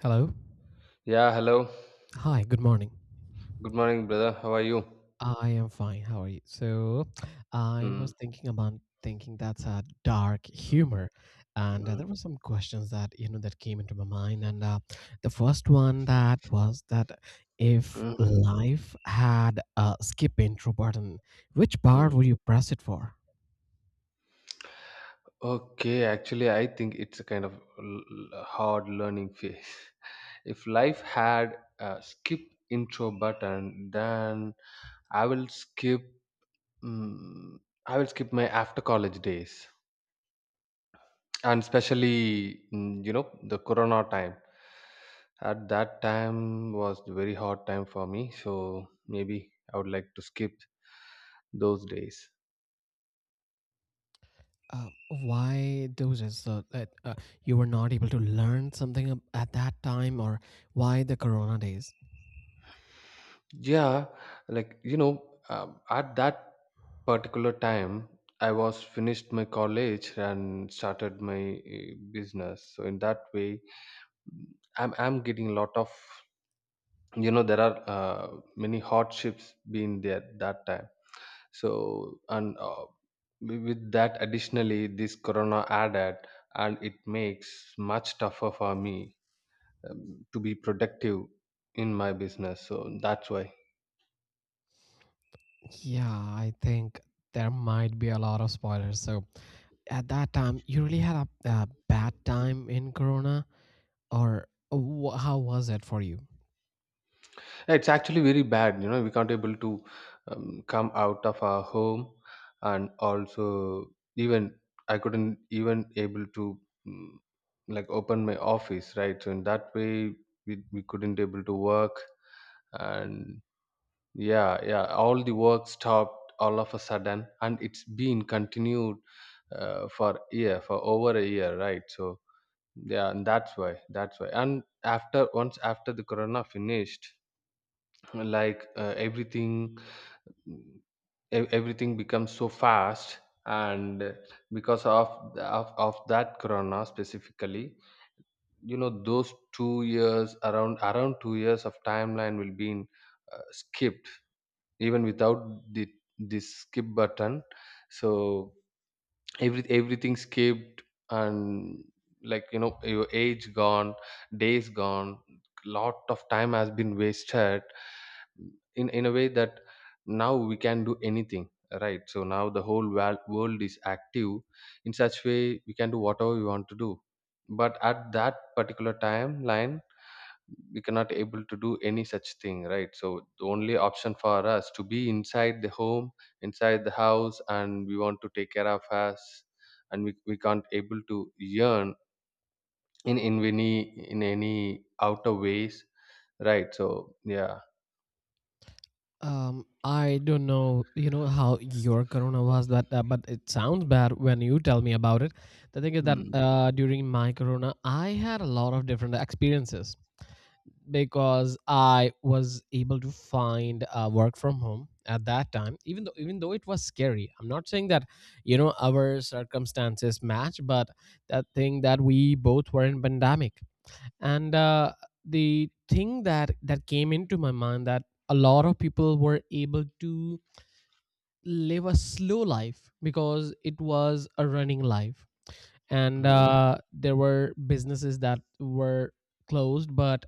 Hello. Yeah, hello. Hi, good morning. Good morning, brother. How are you? I am fine. How are you? I was Mm, thinking about thinking, that's a dark mm, humor, and mm, there were some questions that that came into my mind, and the first one that was that if mm, life had a skip intro button, which part mm. would you press it for? Okay, actually, I think it's a kind of hard learning phase. If life had a skip intro button, then I will skip. Mm, I will skip my after college days. And especially, the Corona time. At that time was the very hard time for me. So maybe I would like to skip those days. Why those? So that you were not able to learn something at that time, or why the Corona days? Yeah, at that particular time, I was finished my college and started my business. So in that way, mm, I'm getting a lot of, you know, there are many hardships being there that time. So and with that, additionally, this corona added and it makes much tougher for me, to be productive in my business, so that's why. Yeah, I think there might be a lot of spoilers. So at that time, you really had a bad time in Corona, or how was it for you? It's actually very bad, you know, we can't able to, come out of our home, and also even I couldn't even able to, mm, like open my office, right? So in that way, we couldn't able to work. And yeah, yeah, all the work stopped all of a sudden, and it's been continued for year, for over a year, right? So yeah. And that's why and after, once after the corona finished, like everything, mm, everything becomes so fast. And because of that corona specifically, you know, those 2 years, around 2 years of timeline will be, skipped even without the this skip button. So everything skipped. And, like, you know, your age gone, days gone, lot of time has been wasted in a way that now we can do anything. Right? So now the whole world is active in such way we can do whatever we want to do. But at that particular timeline, we cannot able to do any such thing. Right? So the only option for us to be inside the home, inside the house, and we want to take care of us. And we can't able to yearn in any in any outer ways. Right? So yeah. I don't know, you know how your Corona was, but it sounds bad when you tell me about it. The thing is that Hmm. During my Corona, I had a lot of different experiences, because I was able to find work from home at that time. Even though it was scary, I'm not saying that you know our circumstances match, but that thing that we both were in pandemic, and the thing that came into my mind that a lot of people were able to live a slow life because it was a running life, and Hmm. There were businesses that were closed, but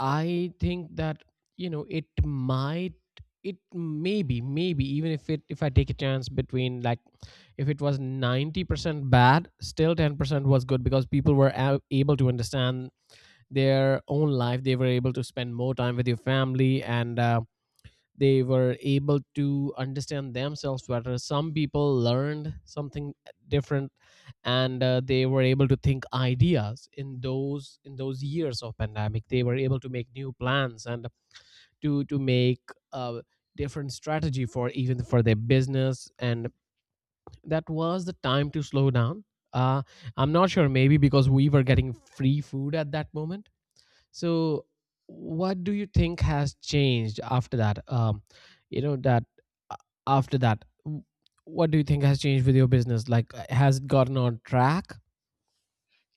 I think that you know it might, it maybe even if it, if I take a chance between like, if it was 90% bad, still 10% was good, because people were able to understand their own life. They were able to spend more time with your family, and they were able to understand themselves better. Some people learned something different, and they were able to think ideas in those years of pandemic. They were able to make new plans and to make a different strategy for even for their business, and that was the time to slow down. uh, I'm not sure, maybe because we were getting free food at that moment. So, what do you think has changed after that? You know that uh, after that, what do you think has changed with your business? Like, has it gotten on track?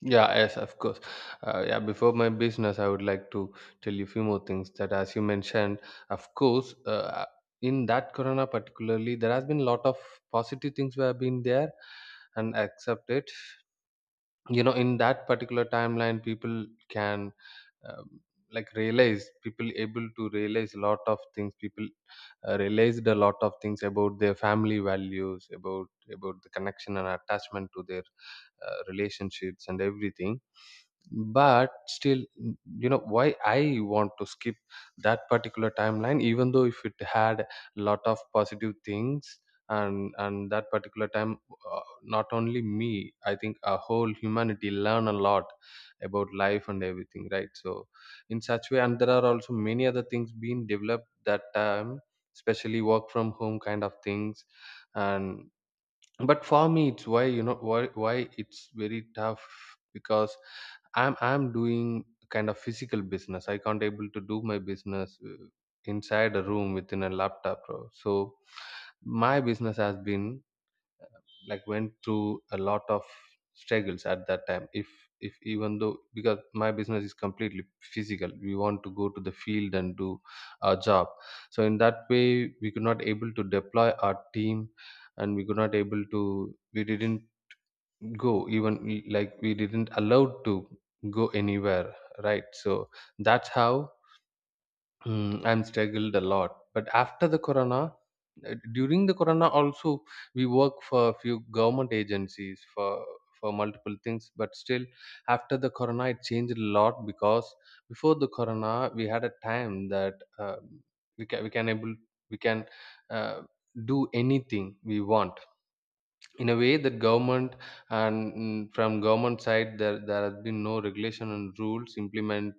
Yeah, yes, of course. Yeah, before my business, I would like to tell you a few more things that, as you mentioned, of course, in that corona particularly, there has been a lot of positive things we have been there and accepted. You know, in that particular timeline, people can, um, like realize, people able to realize a lot of things, people realized a lot of things about their family values, about the connection and attachment to their relationships and everything. But still you know, why I want to skip that particular timeline, even though if it had a lot of positive things. And that particular time, not only me, I think a whole humanity learn a lot about life and everything. Right? So in such way, and there are also many other things being developed that time, especially work from home kind of things. And but for me, it's why you know why it's very tough. Because I'm doing kind of physical business, I can't able to do my business inside a room within a laptop, bro. So my business has been, like, went through a lot of struggles at that time. If even though, because my business is completely physical, we want to go to the field and do our job. So in that way, we could not able to deploy our team, and we could not able to, we didn't go even, like, we didn't allowed to go anywhere. Right? So that's how. I'm struggled a lot. But after the corona, during the corona also, we work for a few government agencies for multiple things. But still, after the corona, it changed a lot. Because before the corona, we had a time that we can, we can uh, do anything we want, in a way that government and, from government side, there has been no regulation and rules implemented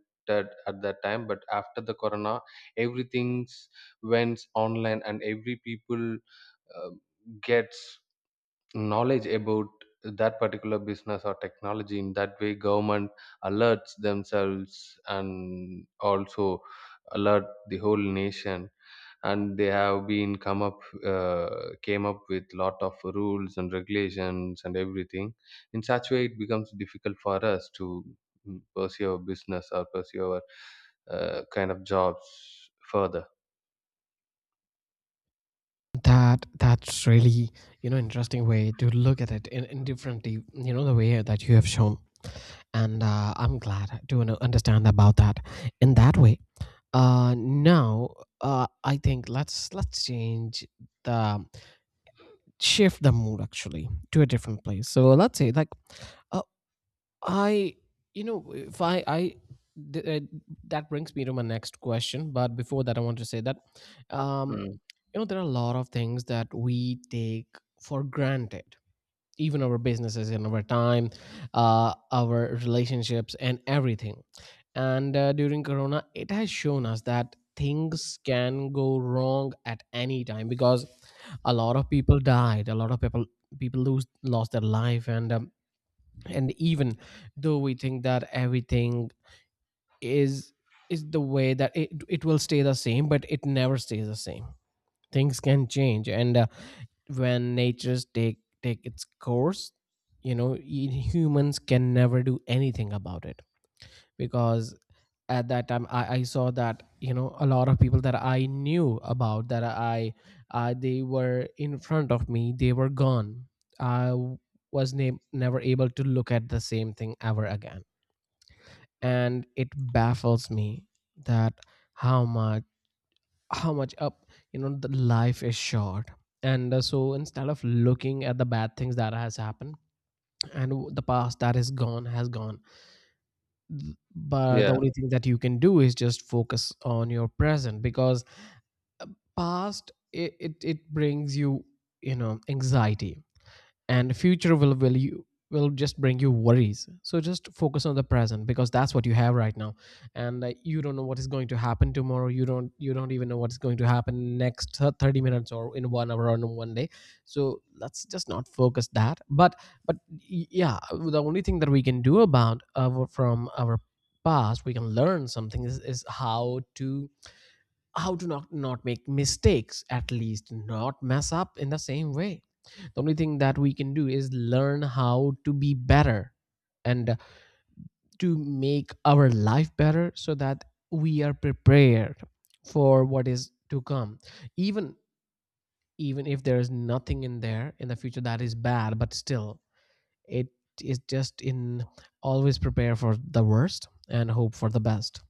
at that time. But after the corona, everything's went online, and every people uh, gets knowledge about that particular business or technology. In that way, government alerts themselves and also alert the whole nation, and they have been come up, came up with lot of rules and regulations and everything. In such way, it becomes difficult for us to, pursue our business or pursue our kind of jobs further. That that's really, you know, interesting way to look at it in differently. You know the way that you have shown, and I'm glad to know- understand about that in that way. Now I think let's change the shift the mood actually to a different place. So let's say like. Uh, I, you know, if I, I, th- That brings me to my next question. But before that, I want to say that, um, Mm. you know, there are a lot of things that we take for granted, even our businesses and our time, our relationships and everything. And during Corona, it has shown us that things can go wrong at any time because a lot of people died, a lot of people people lose lost their life, and even though we think that everything is is the way that it will stay the same, but it never stays the same. Things can change, and when natures take its course, you know, humans can never do anything about it, because at that time I saw that you know a lot of people that I knew about, that I, they were in front of me, they were gone. I was never able to look at the same thing ever again, and it baffles me that how much, how much up, you know, the life is short. And so instead of looking at the bad things that has happened and the past that is gone has gone. But the Yeah. only thing that you can do is just focus on your present, because uh, past it, it it brings you, you know, anxiety, and future will you, will just bring you worries. So just focus on the present because that's what you have right now. And you don't know what is going to happen tomorrow. You don't, you don't even know what's going to happen next 30 minutes or in 1 hour or in 1 day. So let's just not focus that, but yeah, the only thing that we can do about our from our past, we can learn something is how to, how to not not make mistakes, at least not mess up in the same way. The only thing that we can do is learn how to be better and to make our life better, so that we are prepared for what is to come. Even, even if there is nothing in there in the future that is bad, but still it is just in, always prepare for the worst and hope for the best.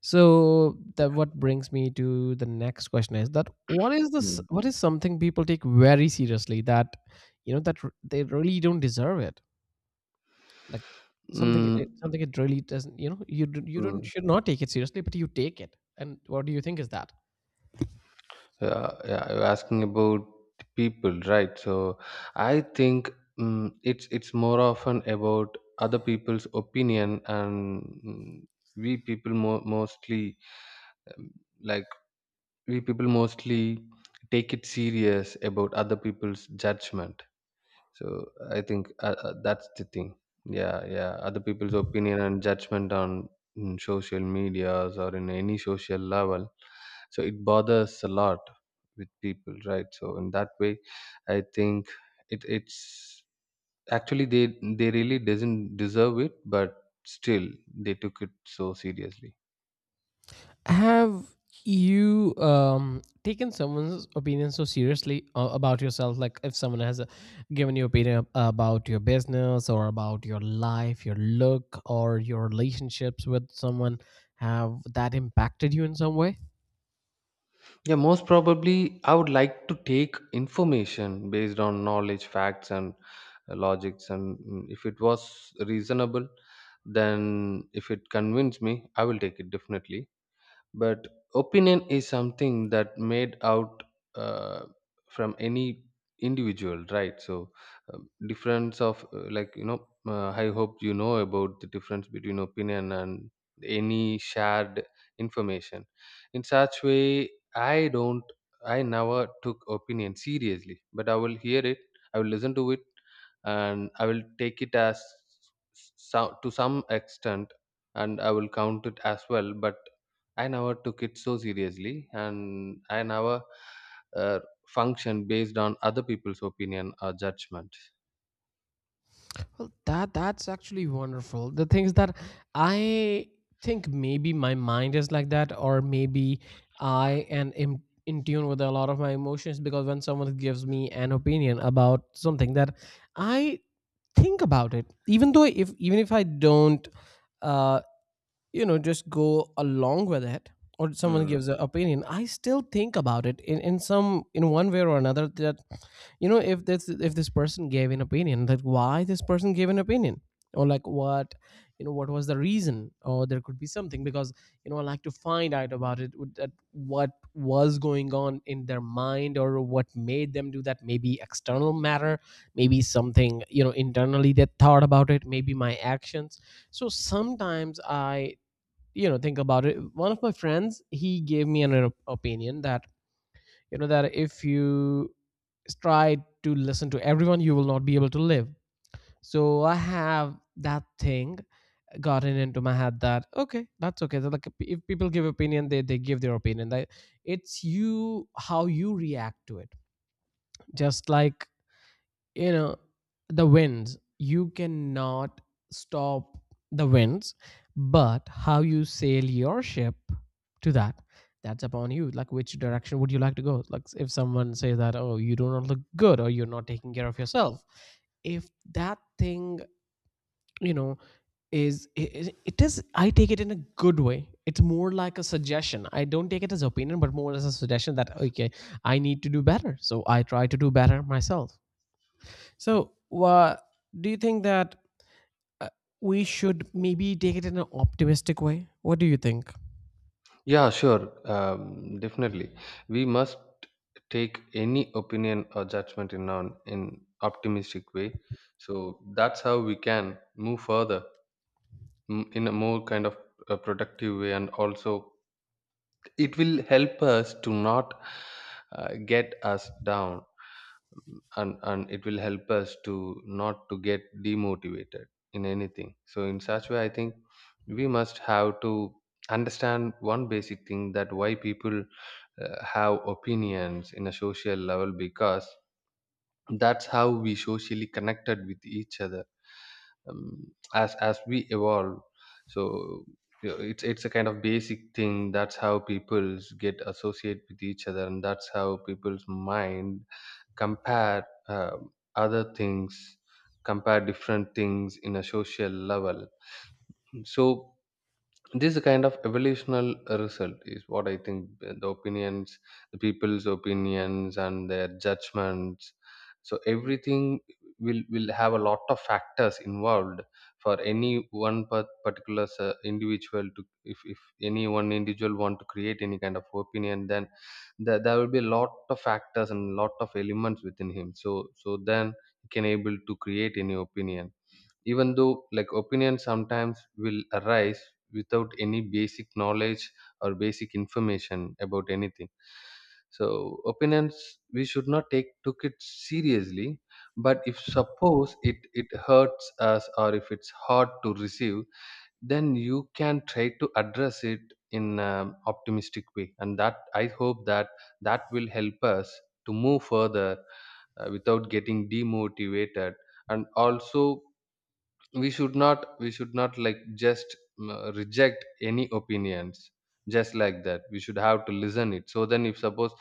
So that what brings me to the next question is that what is this, Mm. what is something people take very seriously that you know that they really don't deserve it, like something, Mm, something it really doesn't, you know, you you don't mm. should not take it seriously but you take it, and what do you think is that? Yeah, yeah, you're asking about the people, right? So I think, it's more often about other people's opinion. And, we people mo mostly um, like we people mostly take it serious about other people's judgment. So I think that's the thing. Yeah, yeah, other people's opinion and judgment on, social medias or in any social level. So it bothers a lot with people, right? So in that way, I think, it's actually they really doesn't deserve it, but still they took it so seriously. Have you taken someone's opinion so seriously about yourself, like if someone has given you opinion about your business or about your life, your look or your relationships with someone, have that impacted you in some way? Yeah, most probably I would like to take information based on knowledge, facts, and logics. And, if it was reasonable, then if it convinced me, I will take it, definitely. But opinion is something that made out, uh, from any individual. Right? So, difference of I hope you know about the difference between opinion and any shared information. In such way, i don't I never took opinion seriously, but I will hear it, I will listen to it, and I will take it as, so, to some extent, and I will count it as well. But I never took it so seriously, and I never uh, functioned based on other people's opinion or judgment. Well, that that's actually wonderful. The things that I think maybe my mind is like that, or maybe I am in tune with a lot of my emotions, because when someone gives me an opinion about something, that I think about it, even though if even if I don't uh, you know just go along with it, or someone Hmm. gives an opinion, I still think about it in some in one way or another, that you know if this, if this person gave an opinion, that why this person gave an opinion, or like what, you know, what was the reason, or there could be something because, you know, I like to find out about it with that, what was going on in their mind or what made them do that. Maybe external matter, maybe something, you know, internally they thought about it, maybe my actions. So sometimes I, you know, think about it. One of my friends, he gave me an opinion that you know that if you try to listen to everyone, you will not be able to live. So I have that thing gotten into my head, that okay, that's okay, that like if people give opinion, they give their opinion, that it's you how you react to it. Just like, you know, the winds, you cannot stop the winds, but how you sail your ship to that, that's upon you. Like which direction would you like to go, like if someone says that oh, you do not look good, or you're not taking care of yourself, if that thing, you know, is it is, I take it in a good way. It's more like a suggestion. I don't take it as opinion but more as a suggestion, that okay, I need to do better, so I try to do better myself. So, do you think that uh, we should maybe take it in an optimistic way? What do you think? Yeah, sure, definitely. We must take any opinion or judgment in an in optimistic way. So that's how we can move further, in a more kind of a productive way. And also, it will help us to not get us down, and it will help us to not to get demotivated in anything. So in such way, I think we must have to understand one basic thing, that why people have opinions in a social level, because that's how we socially connected with each other, as we evolve. So, you know, it's a kind of basic thing, that's how peoples get associate with each other, and that's how people's mind compare, other things, compare different things in a social level. So this kind of evolutional result is what I think, the opinions, the people's opinions and their judgments. So everything will have a lot of factors involved. For any one particular individual to, if any one individual want to create any kind of opinion, then there will be a lot of factors and lot of elements within him, so so then he can able to create any opinion. Even though like opinions sometimes will arise without any basic knowledge or basic information about anything. So opinions, we should not take took it seriously. But if suppose it it hurts us or if it's hard to receive, then you can try to address it in an optimistic way. And that I hope that that will help us to move further without getting demotivated. And also, we should not, like, just reject any opinions just like that. We should have to listen it, so then if suppose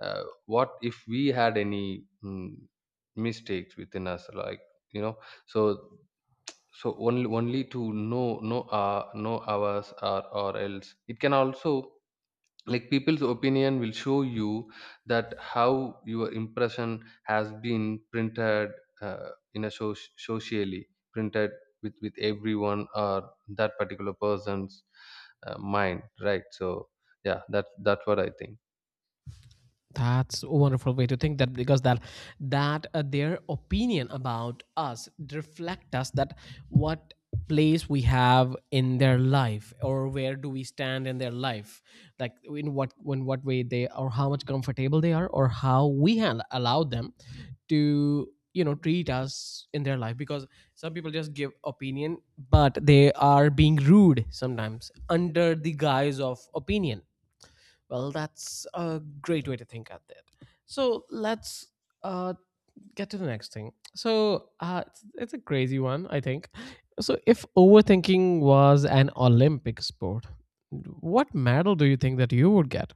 what if we had any, mistakes within us, like, you know, so so only, only to know, know ours, or else it can also, like, people's opinion will show you that how your impression has been printed, uh, in a socially printed with everyone or that particular person's mind. Right? So yeah, that's what I think. That's a wonderful way to think that, because that, that their opinion about us reflect us, that what place we have in their life, or where do we stand in their life, like in what, in what way they, or how much comfortable they are, or how we have allowed them to, you know, treat us in their life. Because some people just give opinion but they are being rude sometimes under the guise of opinion. Well, that's a great way to think at it. So let's uh, get to the next thing. So it's a crazy one, I think. So if overthinking was an Olympic sport, what medal do you think that you would get?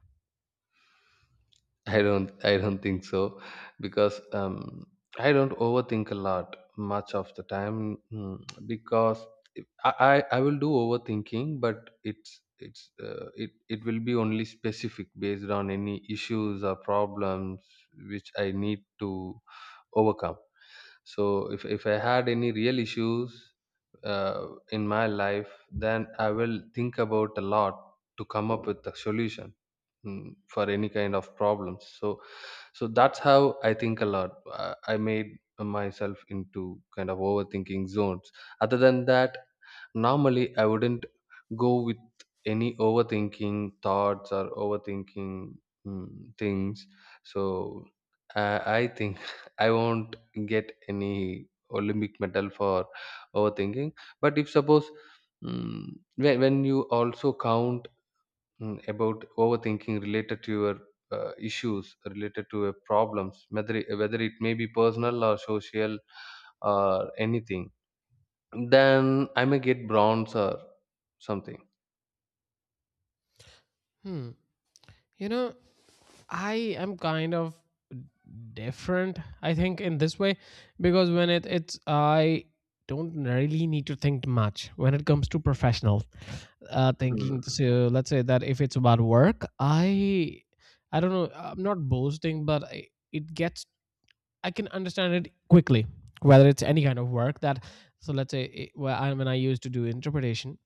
I don't think so, because, I don't overthink a lot much of the time, because I, I will do overthinking, but it's it it will be only specific based on any issues or problems which I need to overcome. So if I had any real issues uh, in my life, then I will think about a lot to come up with a solution for any kind of problems, so that's how I think a lot. I made myself into kind of overthinking zones. Other than that, normally I wouldn't go with any overthinking thoughts or overthinking things. So I think I won't get any Olympic medal for overthinking. But if suppose, mm, when you also count about overthinking related to your issues, related to your problems, whether it may be personal or social or anything, then I may get bronze or something. Hmm. You know, I am kind of different, I think, in this way, because when I don't really need to think much when it comes to professional Hmm. thinking. So let's say that if it's about work, I don't know, I'm not boasting, but I can understand it quickly, whether it's any kind of work so let's say, when I used to do interpretation,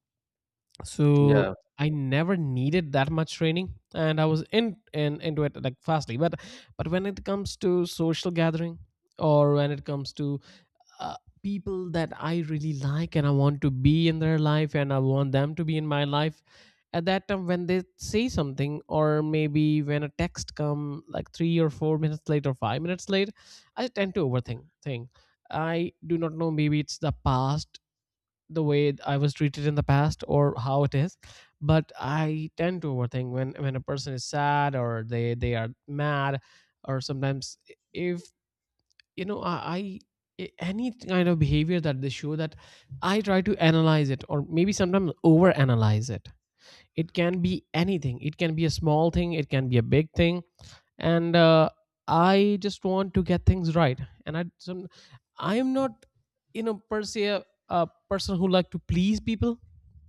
so Yeah. I never needed that much training and I was in into it like fastly, but when it comes to social gathering or when it comes to uh, people that I really like and I want to be in their life and I want them to be in my life. At that time when they say something, or maybe when a text come like 3 or 4 minutes late or 5 minutes late, I tend to overthink thing. I do not know, maybe it's the past, the way I was treated in the past, or how it is. But I tend to overthink when a person is sad or they are mad, or sometimes if you know I. I any kind of behavior that they show, that I try to analyze it or maybe sometimes over analyze it. It can be anything, it can be a small thing, it can be a big thing. And I just want to get things right. and i some, I am not, you know, per se a person who like to please people,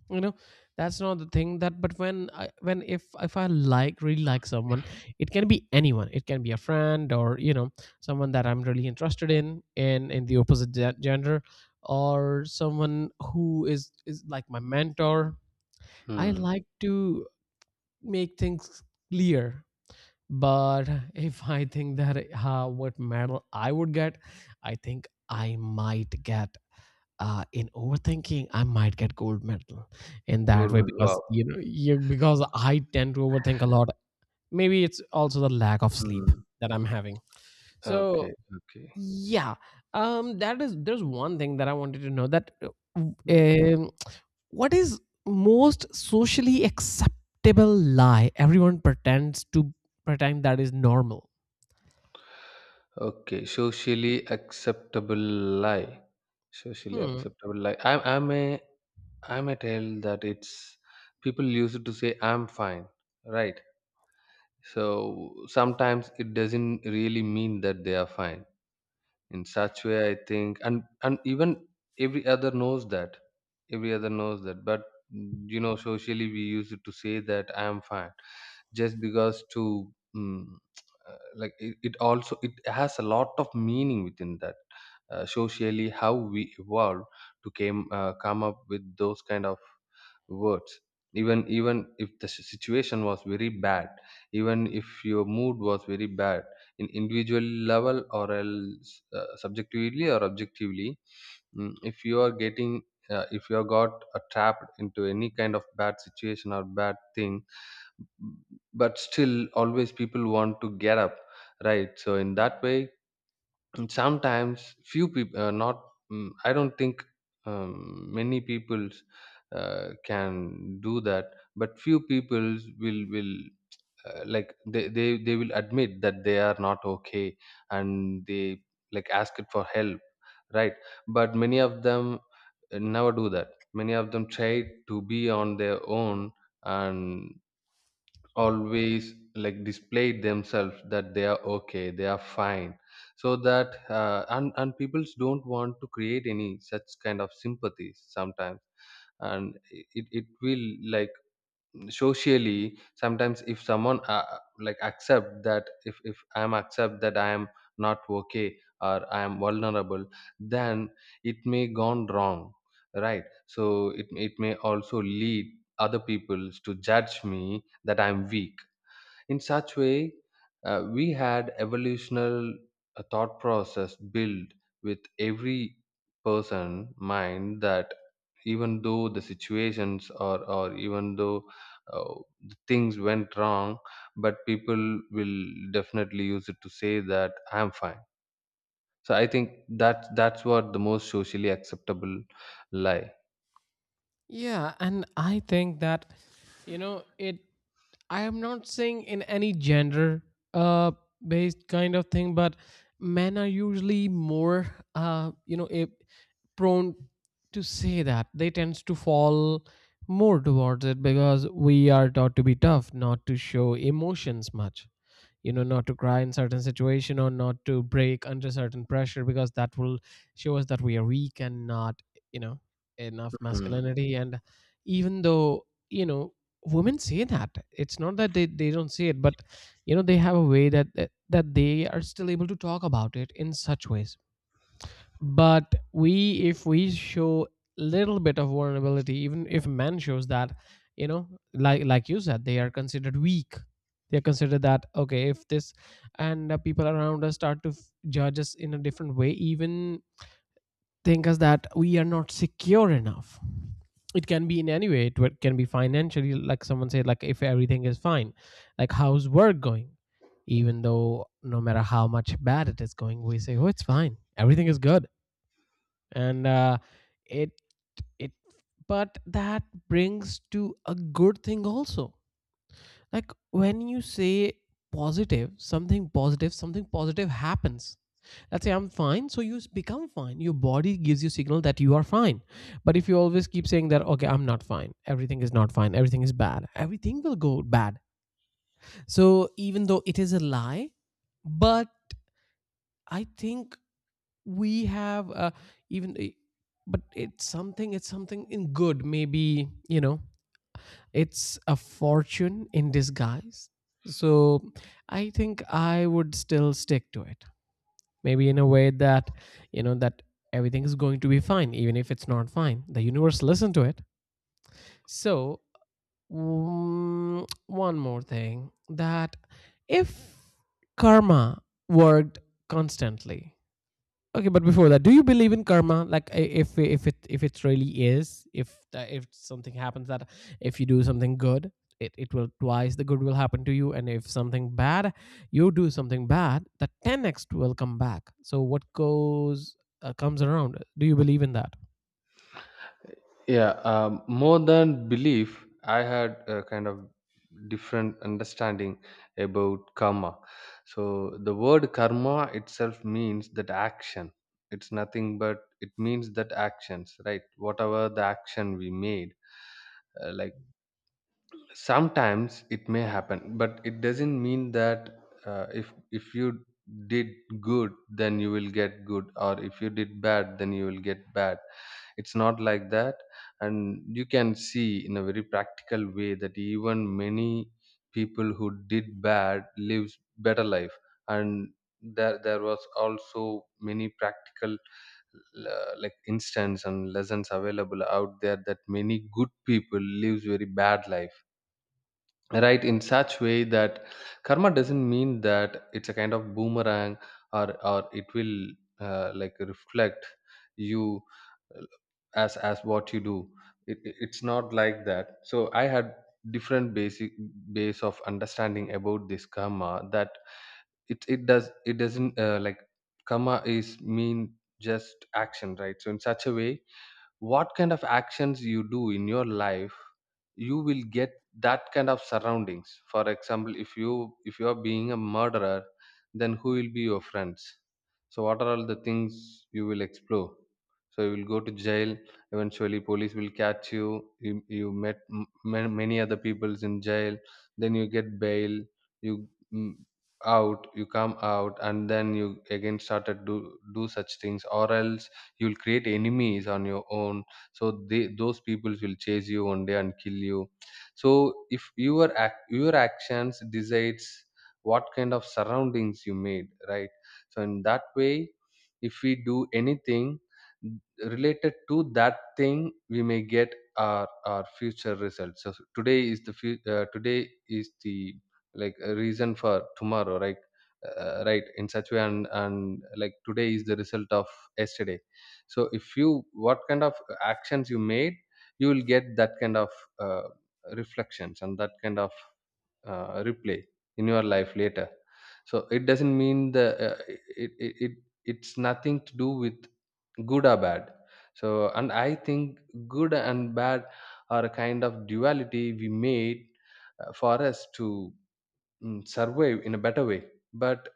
you know. That's not the thing. That But when I when if I like really like someone, it can be anyone, it can be a friend, or, you know, someone that I'm really interested in the opposite gender, or someone who is like my mentor. I Hmm. like to make things clear. But if I think that, what medal I would get, I think I might get, in overthinking, I might get gold medal in that Cool. way. Wow. Because, you know because I tend to overthink a lot. Maybe it's also the lack of sleep Hmm. that I'm having. So Okay. Okay. yeah. That is, there's one thing that I wanted to know, that Hmm. um, what is most socially acceptable lie everyone pretends to pretend that is normal. Okay, socially acceptable lie. Socially Hmm. acceptable lie. I may, I may tell that it's, people use it to say I'm fine, right? So sometimes it doesn't really mean that they are fine, in such way I think. And even every other knows that, every other knows that, but you know, socially we use it to say that I am fine, just because to like it also, it has a lot of meaning within that. Socially how we evolve to came come up with those kind of words. Even even if the si- situation was very bad, even if your mood was very bad, in individual level, or else subjectively or objectively, if you are getting if you are got trapped into any kind of bad situation or bad thing, b- but still always people want to get up, right? So in that way, and sometimes few people not I don't think many people can do that. But few people will like they will admit that they are not okay, and they like ask it for help, right? But many of them never do that. Many of them try to be on their own, and always like displayed themselves that they are okay, they are fine. So that, and people don't want to create any such kind of sympathies sometimes. And it will like socially sometimes, if someone like accept that, if I am accept that I am not okay or I am vulnerable, then it may gone wrong, right? So it may also lead other peoples to judge me that I'm weak. In such way, we had evolutional thought process built with every person mind that, even though the situations or even though uh, the things went wrong, but people will definitely use it to say that I am fine. So I think that that's what the most socially acceptable lie. Yeah, and I think that, you know it. I am not saying in any gender uh based kind of thing, but men are usually more, you know, prone to say that they tends to fall more towards it, because we are taught to be tough, not to show emotions much, you know, not to cry in certain situation, or not to break under certain pressure, because that will show us that we are weak and not, you know, enough Mm. masculinity. And even though, you know, women say that it's not that they don't say it, but, you know, they have a way that they are still able to talk about it in such ways. But we, if we show little bit of vulnerability, even if man shows that, you know, like you said, they are considered weak, they are considered that okay if this. And people around us start to judge us in a different way, even think us that we are not secure enough. It can be in any way, it can be financially, like someone said, like if everything is fine, like how's work going. Even though no matter how much bad it is going, we say, oh, it's fine, everything is good. And it it But that brings to a good thing also. Like when you say positive, something positive happens. Let's say I'm fine, so you become fine, your body gives you signal that you are fine. But if you always keep saying that okay, I'm not fine, everything is not fine, everything is bad, everything will go bad. So even though it is a lie, but I think we have, even i- but it's something, it's something in good, maybe, you know, it's a fortune in disguise. So I think I would still stick to it, maybe in a way that, you know, that everything is going to be fine, even if it's not fine, the universe listened to it. So mm, one more thing that, if karma worked constantly. Okay, but before that, do you believe in karma? Like, if if it really is, if if something happens that, if you do something good, it will twice the good will happen to you. And if something bad, you do something bad, the ten x will come back. So what goes, comes around. Do you believe in that? Yeah, more than belief I had a kind of different understanding about karma. So the word karma itself means that action. It's nothing but it means that actions, right? Whatever the action we made, like, sometimes it may happen, but it doesn't mean that if you did good then you will get good, or if you did bad then you will get bad. It's not like that. And you can see in a very practical way that even many people who did bad lives better life. And there was also many practical like instance and lessons available out there, that many good people lives very bad life, right? In such way that karma doesn't mean that it's a kind of boomerang, or it will like reflect you uh, as what you do. It's not like that. So I had different basic base of understanding about this karma, that it does it doesn't like, karma is mean just action, right? So in such a way, what kind of actions you do in your life, you will get that kind of surroundings. For example, if you are being a murderer, then who will be your friends? So what are all the things you will explore? So you will go to jail eventually, police will catch you, you met m- ma- many other peoples in jail, then you get bail, you out, you come out, and then you again started do such things, or else you'll create enemies on your own. So they, those people will chase you one day and kill you. So if your ac- your actions decides what kind of surroundings you made, right? So in that way, if we do anything related to that thing, we may get our future results. So today is the fu- today is the like a reason for tomorrow, right? Right, in such way. And like, today is the result of yesterday. So if you, what kind of actions you made, you will get that kind of uh, reflections, and that kind of replay in your life later. So it doesn't mean the uh, it's nothing to do with good or bad. So and I think good and bad are a kind of duality we made for us to survive in a better way. But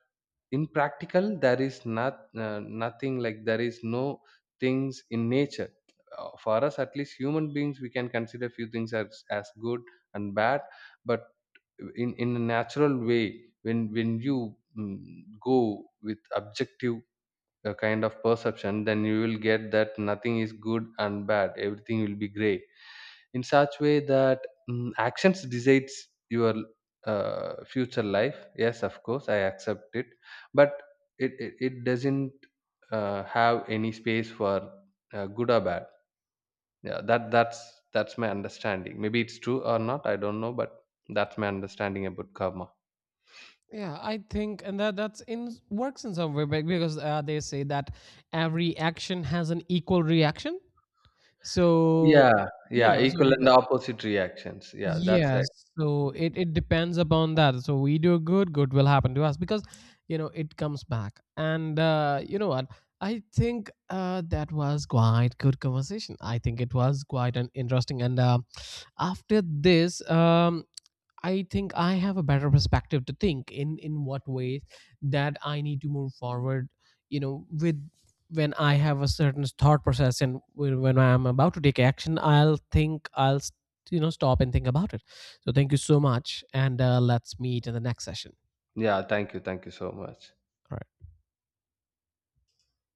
in practical there is not nothing like, there is no things in nature. For us, at least human beings, we can consider few things as good and bad. But in a natural way, when you mm, go with objective kind of perception, then you will get that nothing is good and bad, everything will be gray. In such way that, actions decides your future life. Yes, of course I accept it. But it doesn't have any space for good or bad. Yeah, that's that's my understanding. Maybe it's true or not, I don't know, but that's my understanding about karma. Yeah, I think, and that that's in works in some way, because they say that every action has an equal reaction. So, Yeah. you Yeah, know, so equal and because opposite reactions, yeah, that's right. yes, so Mm. It depends upon that. So we do good, good will happen to us, because, you know, it comes back. And, you know what? I think, that was quite good conversation. I think it was quite an interesting. And after this, I think I have a better perspective to think in what ways that I need to move forward, you know, with, when I have a certain thought process, and when I am about to take action, I'll think, you know, stop and think about it. So thank you so much, and, let's meet in the next session. Yeah, thank you, thank you so much. All right.